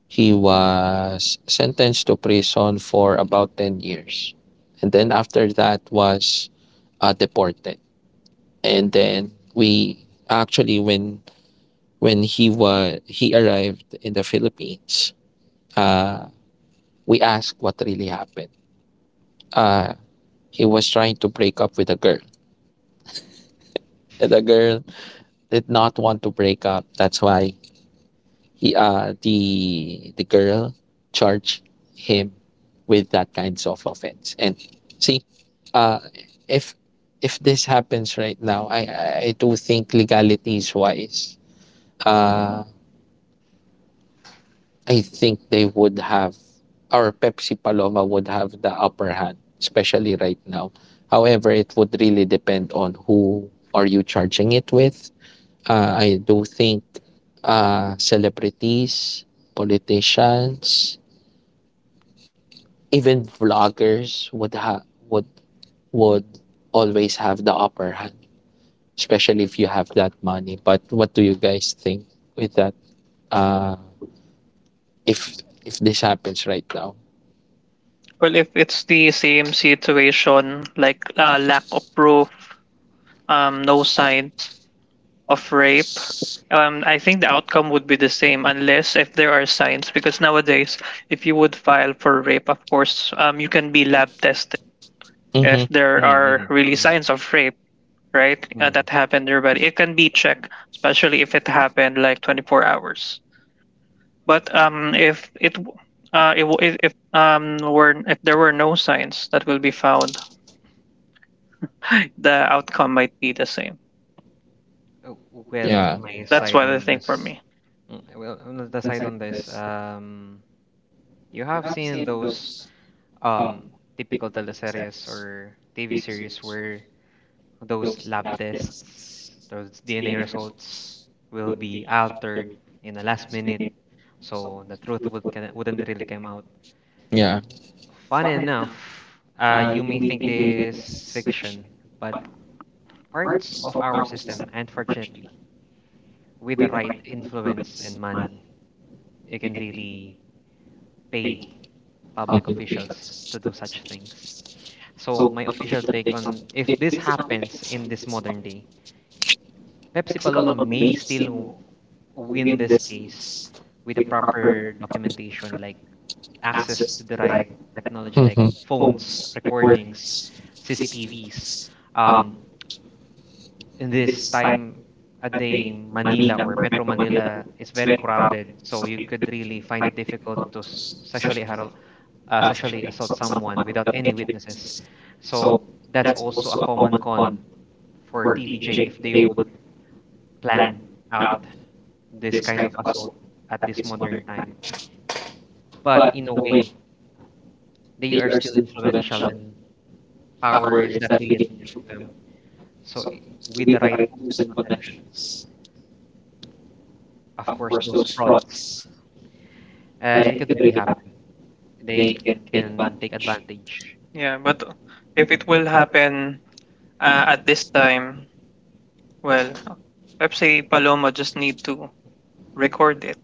C: he was sentenced to prison for about 10 years. And then after that was deported. And then we actually, when he arrived in the Philippines, uh, we asked what really happened. Uh, he was trying to break up with a girl, and the girl did not want to break up. That's why he the girl charged him with that kinds of offense. And see, uh, if this happens right now, I do think legalities wise, uh, I think they would have, or Pepsi Paloma would have the upper hand, especially right now. However, it would really depend on who are you charging it with. I do think celebrities, politicians, even vloggers would ha- would always have the upper hand, especially if you have that money. But what do you guys think with that? Uh, if if this happens right now,
A: Well, if it's the same situation, like lack of proof, no signs, of rape, I think the outcome would be the same unless if there are signs. Because nowadays, if you would file for rape, of course, you can be lab tested if there
B: mhm,
A: are
B: mhm,
A: really
B: mhm,
A: signs of rape, right?
B: mhm.
A: That happened in your body. It can be checked, especially if it happened like 24 hours. But if it if were if there were no signs that will be found, the outcome might be the same.
B: Well,
C: yeah.
B: my
A: That's
B: side
A: what I
B: on
A: think for
B: this,
A: me.
B: mm, well, on the side on this, you have seen those um typical teleseries or TV series where those lab tests, those DNA results will be altered in the last minute, so the truth would, kinda- wouldn't really come out.
C: Yeah.
B: Funny enough, you may think this is fiction, but parts of our system, unfortunately, with the right influence and money, you can really pay public officials to do such things. So my official take on if this happens in this modern day, Pepsi Paloma may still win this case with the proper documentation, like access to the right technology, like phones, recordings, CCTVs. Um, in this time a day Manila or Metro Manila is very crowded, so you could really find it difficult to sexually harass, sexually assault someone without any witnesses. So that's also a common con for TVJ if they would plan out this kind of assault at this modern time. But in a way, they are still influential and power is that really with them. So with the right tools and connections, of course, those frauds, it could really happen. They can take advantage.
A: Yeah, but
B: Mm,
A: if it will happen at this time, well, perhaps si Paloma just need to record it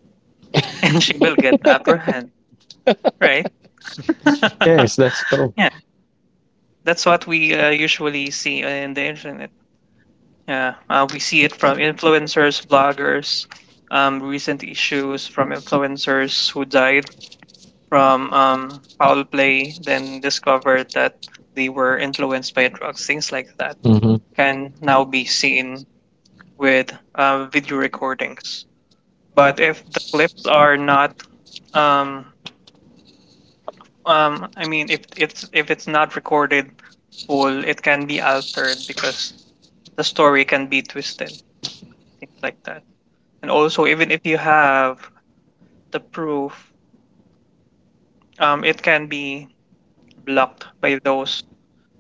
A: and she will get the upper hand, right?
C: Yes, that's true.
A: Yeah, that's what we usually see in the internet. Yeah, we see it from influencers, bloggers, recent issues from influencers who died from foul play, then discovered that they were influenced by drugs, things like that
C: Hmm.
A: can now be seen with video recordings. But if the clips are not, um, I mean, if it's not recorded full, it can be altered because the story can be twisted, things like that. And also, even if you have the proof, it can be blocked by those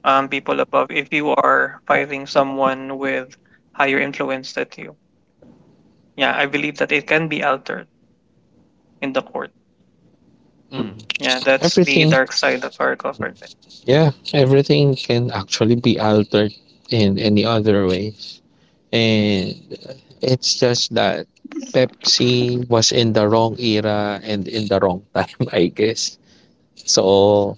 A: people above if you are fighting someone with higher influence than you. Yeah, I believe that it can be altered in the court.
B: mm.
A: Yeah, that's the
C: Everything.
A: dark side of our government.
C: Yeah, everything can actually be altered in any other ways. And it's just that Pepsi was in the wrong era and in the wrong time, I guess. So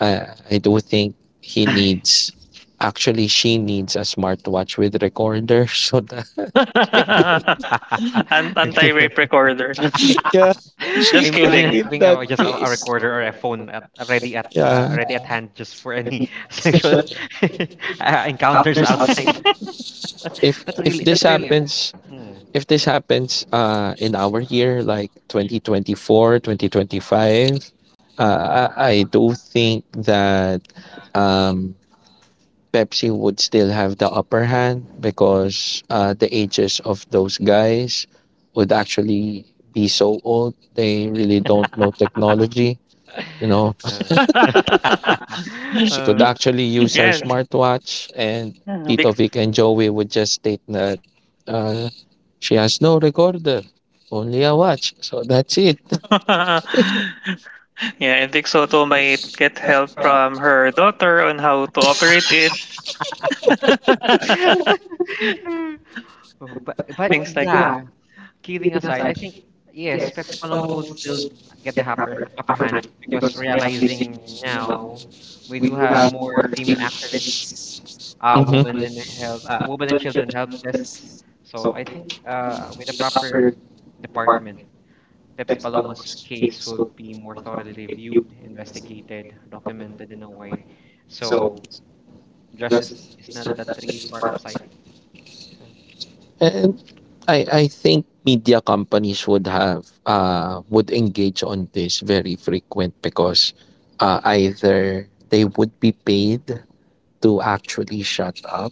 C: I do think he needs actually she needs a smartwatch with recorder so that she could,
B: Ah,
A: Anti-rape recorder.
C: yeah, she
A: Just
C: could
B: imagine
A: kidding.
C: win
B: having
C: that.
B: a, just a recorder or a phone at, ready at
C: Yeah,
B: ready at yeah, hand just for any sexual encounters outside.
C: if if this
B: That's really.
C: happens,
B: Mm,
C: if this happens in our year like 2024, 2025, I do think that um Pepsi would still have the upper hand,
B: mhm.
C: because the ages of those guys would actually be so old. They really don't know technology. You know,
B: Uh,
C: she could
B: uh,
C: actually use her
A: Yeah,
C: smartwatch, and Tito
A: Vic,
C: Vic and Joey would just state that uh, she has no recorder, only a watch. So that's it.
A: yeah, and Vic Soto might get help from her daughter on how to operate it.
B: but
A: Things like that.
B: yeah, kidding aside, I think yes, Pepsi Paloma would still get the upper hand because realizing now we do have more female activists, women
C: Mhm.
B: in health, women and children health desks. So I think with a proper department, Pepsi Paloma's case would be more thoroughly reviewed, investigated, documented in a way. So justice is not that really far off sight.
C: And I think media companies would have would engage on this very frequent, because either they would be paid to actually shut up,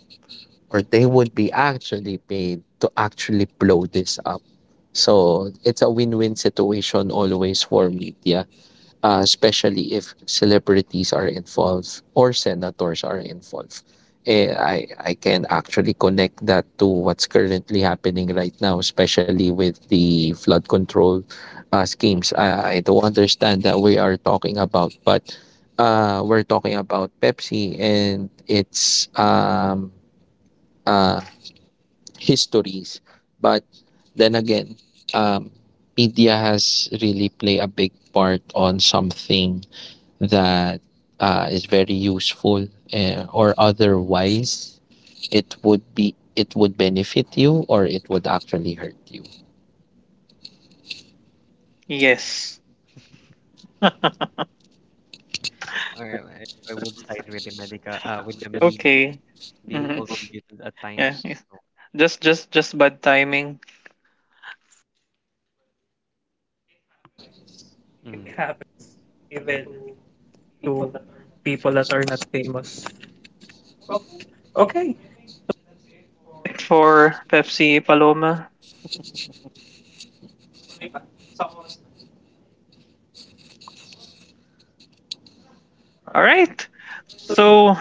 C: or they would be actually paid to actually blow this up. So it's a win-win situation always for media, especially if celebrities are involved or senators are involved. I can actually connect that to what's currently happening right now, especially with the flood control schemes. I don't understand that we are talking about, but we're talking about Pepsi and its uh, histories. But then again, um, media has really played a big part on something that is very useful, or otherwise it would benefit you, or it would actually hurt you.
A: Yes.
B: Uh, I, I would side with with the media,
A: Okay.
B: being
A: Mhm.
B: cold-blooded at
A: Yeah.
B: times.
A: Yes.
B: So,
A: Just bad timing.
B: mm.
A: It happens to people that are not famous. Okay, for Pepsi Paloma. All right. So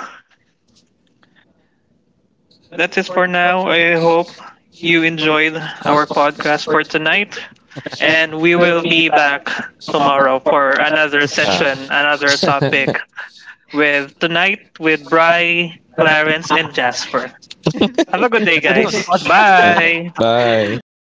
A: that's it for now. I hope you enjoyed our podcast for tonight. And we will be back tomorrow for another session, another
C: Yeah.
A: topic with tonight with Bry, Clarence, and Jasper. Have a good day,
B: That's the name of the
A: guys.
B: podcast.
A: Bye.
C: Bye.
B: Thank